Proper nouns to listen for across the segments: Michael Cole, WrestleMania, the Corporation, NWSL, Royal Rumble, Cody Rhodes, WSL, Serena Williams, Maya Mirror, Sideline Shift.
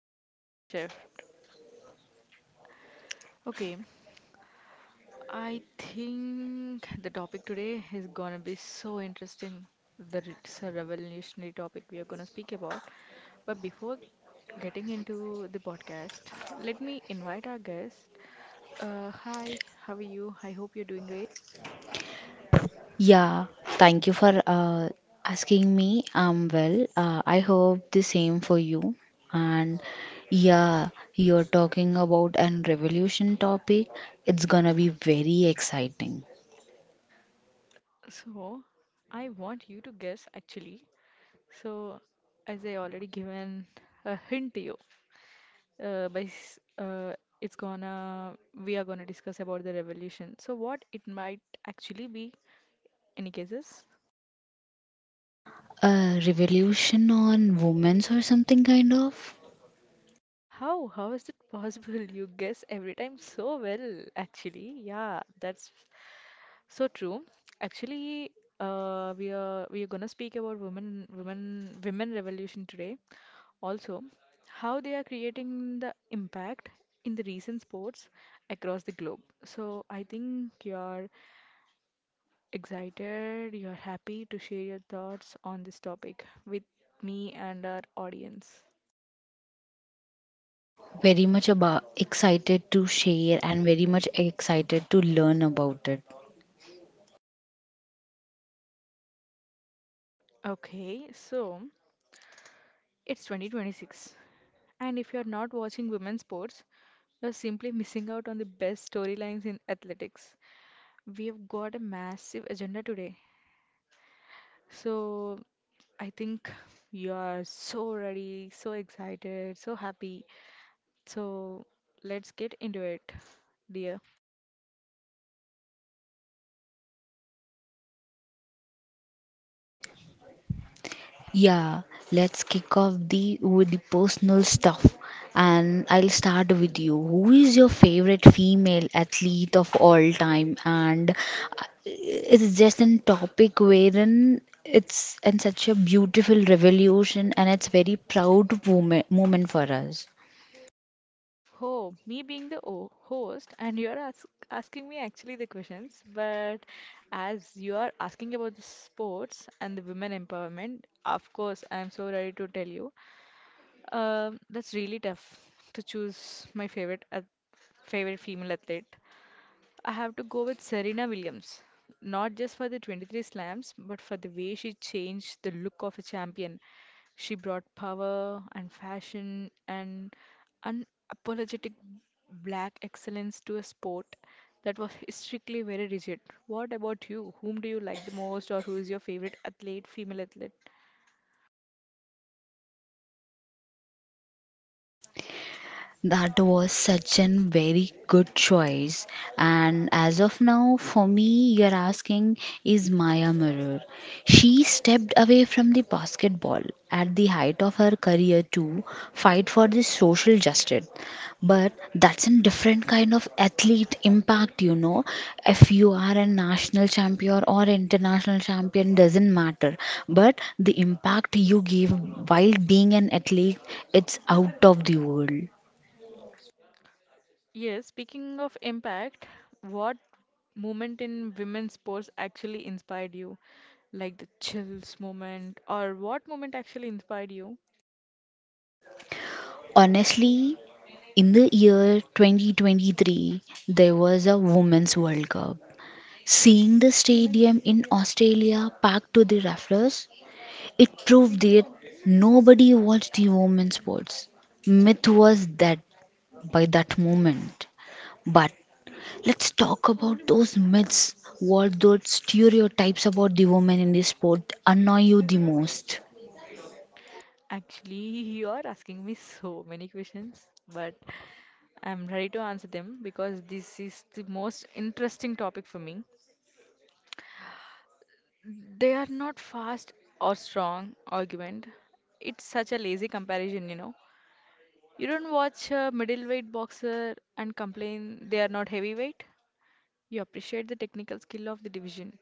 to the Sideline Shift. Okay, I think the topic today is gonna be so interesting. That it's a revolutionary topic we are gonna speak about. But before getting into the podcast, let me invite our guest. Hi, how are you? I hope you're doing great. Yeah, thank you for asking me. I'm well. I hope the same for you. And yeah, you're talking about an revolution topic. It's gonna be very exciting. So, I want you to guess actually. So, as I already given a hint to you, uh, by s- uh, it's gonna we are gonna discuss about the revolution. So what it might actually be? Any guesses? A revolution on women's or something kind of. How? How is it possible? You guess every time so well, actually. Yeah, that's so true. Actually, we are gonna speak about women revolution today. Also, how they are creating the impact in the recent sports across the globe. So I think your excited, you're happy to share your thoughts on this topic with me and our audience. Very much about excited to share and very much excited to learn about it. Okay, so it's 2026, and if you're not watching women's sports, you're simply missing out on the best storylines in athletics. We've got a massive agenda today, so I think you're so ready, so excited, so happy. So let's get into it, dear. Yeah, let's kick off the with the personal stuff, and I'll start with you. Who is your favorite female athlete of all time? And it's just a topic wherein it's in such a beautiful revolution, and it's very proud moment for us. Oh, me being the host, and you're ask asking me actually the questions, but as you are asking about the sports and the women empowerment, of course, I'm so ready to tell you. That's really tough to choose my favorite female athlete. I have to go with Serena Williams, not just for the 23 slams, but for the way she changed the look of a champion. She brought power and fashion and unapologetic black excellence to a sport that was historically very rigid. What about you? Whom do you like the most, or who is your favorite athlete, female athlete? That was such a very good choice. And as of now, for me, you're asking is Maya Mirror. She stepped away from the basketball at the height of her career to fight for the social justice. But that's a different kind of athlete impact, If you are a national champion or international champion, doesn't matter. But the impact you give while being an athlete, it's out of the world. Yes, speaking of impact, what moment in women's sports actually inspired you? Like the chills moment, or what moment actually inspired you? Honestly, in the year 2023, there was a Women's World Cup. Seeing the stadium in Australia packed to the rafters, it proved that nobody watched the women's sports. Myth was that by that moment. But let's talk about those myths. What those stereotypes about the women in the sport annoy you the most? Actually, you are asking me so many questions, but I'm ready to answer them because this is the most interesting topic for me. They are not fast or strong argument. It's such a lazy comparison, you know. You don't watch a middleweight boxer and complain they are not heavyweight. You appreciate the technical skill of the division.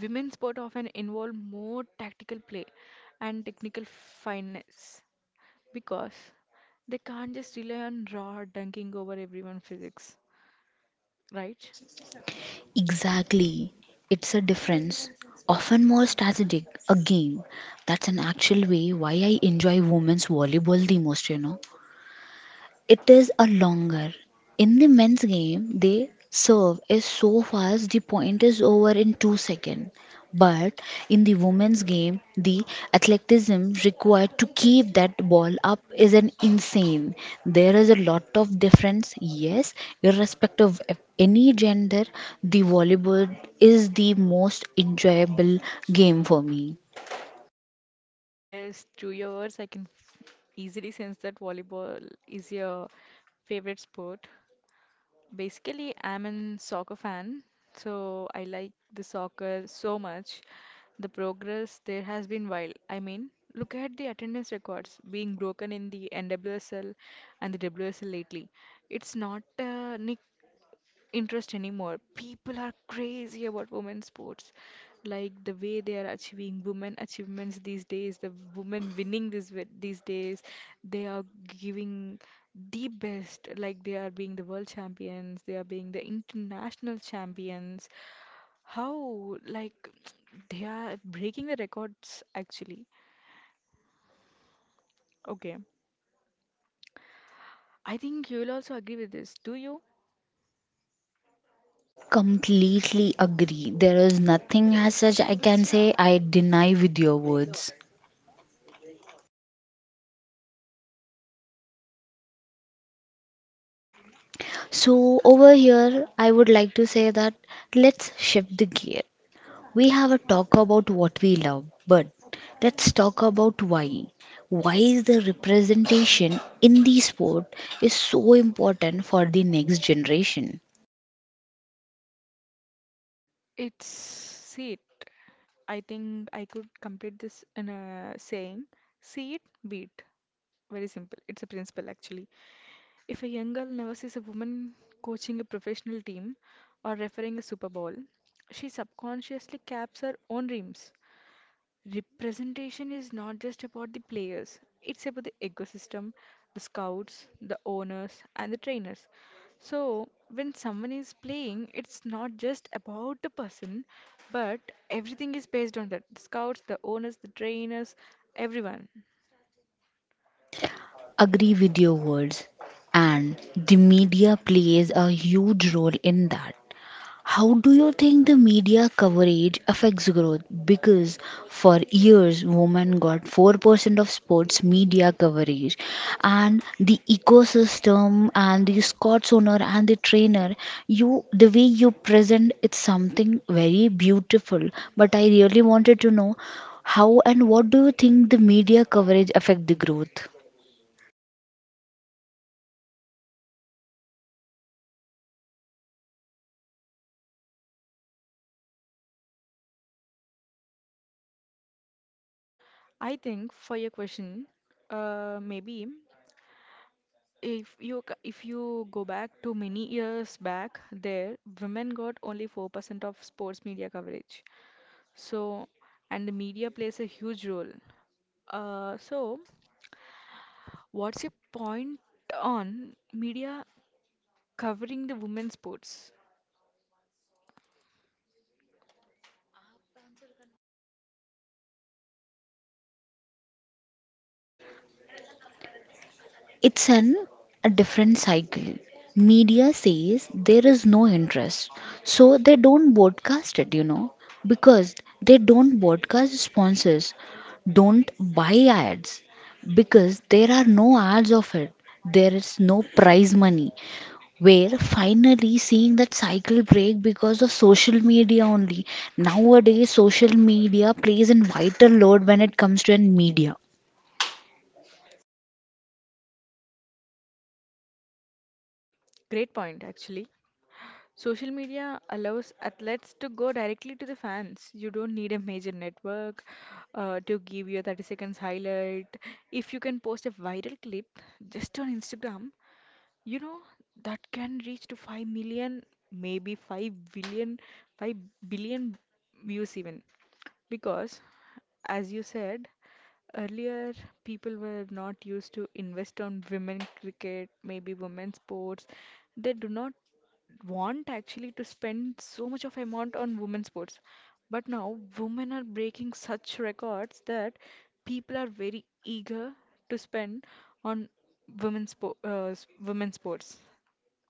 Women's sport often involve more tactical play and technical fineness because they can't just rely on raw dunking over everyone physics, right? Exactly. It's a difference, often more strategic, a game. That's an actual way why I enjoy women's volleyball the most, It is a longer. In the men's game, the serve is so fast the point is over in 2 seconds. But in the women's game, the athleticism required to keep that ball up is an insane. There is a lot of difference. Yes, irrespective of any gender, the volleyball is the most enjoyable game for me. Yes, through your words, I can easily sense that volleyball is your favorite sport. Basically, I'm a soccer fan, so I like the soccer so much. The progress there has been wild. I mean, look at the attendance records being broken in the NWSL and the WSL lately. It's not a nick interest anymore. People are crazy about women's sports. Like the way they are achieving women achievements these days, the women winning these days, they are giving the best. Like they are being the world champions, they are being the international champions. How like they are breaking the records actually. Okay, I think you will also agree with this. Do you? Completely agree, there is nothing as such I can say I deny with your words. So, over here, I would like to say that let's shift the gear. We have a talk about what we love, but let's talk about why. Why is the representation in the sport is so important for the next generation? It's see it. I think I could complete this in a saying, see it, be. Very simple. It's a principle actually. If a young girl never sees a woman coaching a professional team or refereeing a Super Bowl, she subconsciously caps her own dreams. Representation is not just about the players, it's about the ecosystem, the scouts, the owners, and the trainers. So when someone is playing, it's not just about the person, but everything is based on that: the scouts, the owners, the trainers, everyone. Agree with your words, and the media plays a huge role in that. How do you think the media coverage affects growth? Because for years, women got 4% of sports media coverage, and the ecosystem, and the Scots owner, and the trainer, you the way you present it's something very beautiful. But I really wanted to know how and what do you think the media coverage affect the growth? I think for your question, maybe if you if you go back to many years back, there women got only 4% of sports media coverage. So, and the media plays a huge role. So, what's your point on media covering the women's sports? It's an a different cycle. Media says there is no interest, so they don't broadcast it, because they don't broadcast sponsors, don't buy ads, because there are no ads of it. There is no prize money. We're finally seeing that cycle break because of social media only. Nowadays, social media plays a vital role when it comes to an media. Great point, actually. Social media allows athletes to go directly to the fans. You don't need a major network to give you a 30 seconds highlight. If you can post a viral clip just on Instagram, you know, that can reach to 5 million, maybe five billion, 5 billion views even. Because, as you said, earlier people were not used to invest on women cricket, maybe women sports. They do not want actually to spend so much of amount on women's sports. But now women are breaking such records that people are very eager to spend on women's sports,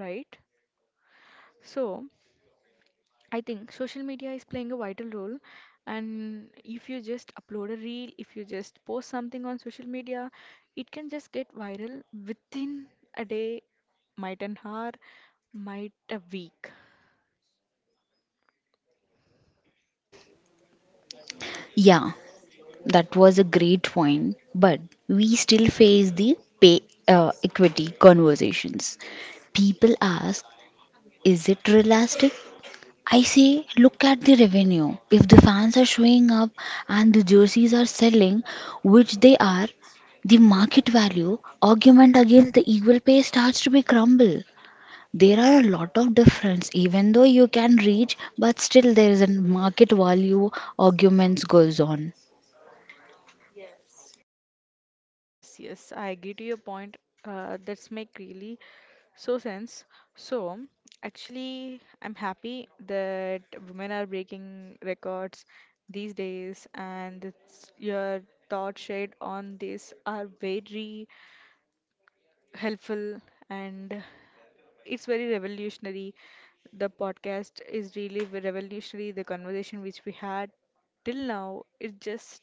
right? So I think social media is playing a vital role. And if you just upload a reel, if you just post something on social media, it can just get viral within a day, might an hour, might a week. Yeah, that was a great point, but we still face the pay equity conversations. People ask, is it realistic? I say, look at the revenue. If the fans are showing up and the jerseys are selling, which they are, the market value argument against the equal pay starts to be crumble. There are a lot of difference, even though you can reach, but still there is a market value arguments goes on. Yes, yes, I agree to your point. That's make really so sense. So actually, I'm happy that women are breaking records these days, and it's, your thoughts shared on this are very helpful, and it's very revolutionary. The podcast is really revolutionary. The conversation which we had till now is just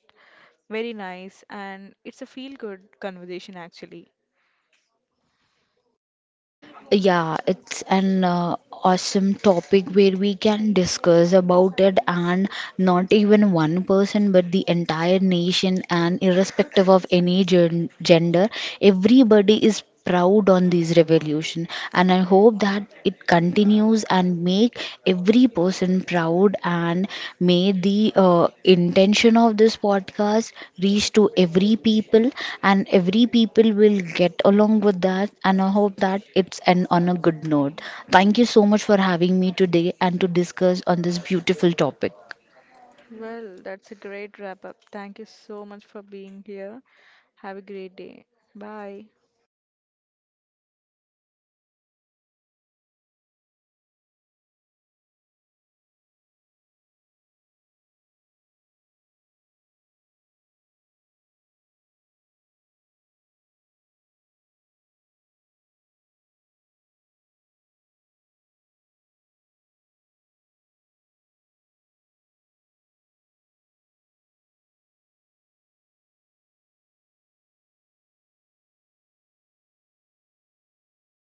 very nice, and it's a feel-good conversation actually. Yeah, it's an awesome topic where we can discuss about it, and not even one person, but the entire nation, and irrespective of any gender, everybody is proud on this revolution and I hope that it continues and make every person proud and may the uh, intention of this podcast reach to every people and every people will get along with that and I hope that it's an on a good note. Thank you so much for having me today and to discuss on this beautiful topic. Well, that's a great wrap up. Thank you so much for being here. Have a great day. Bye.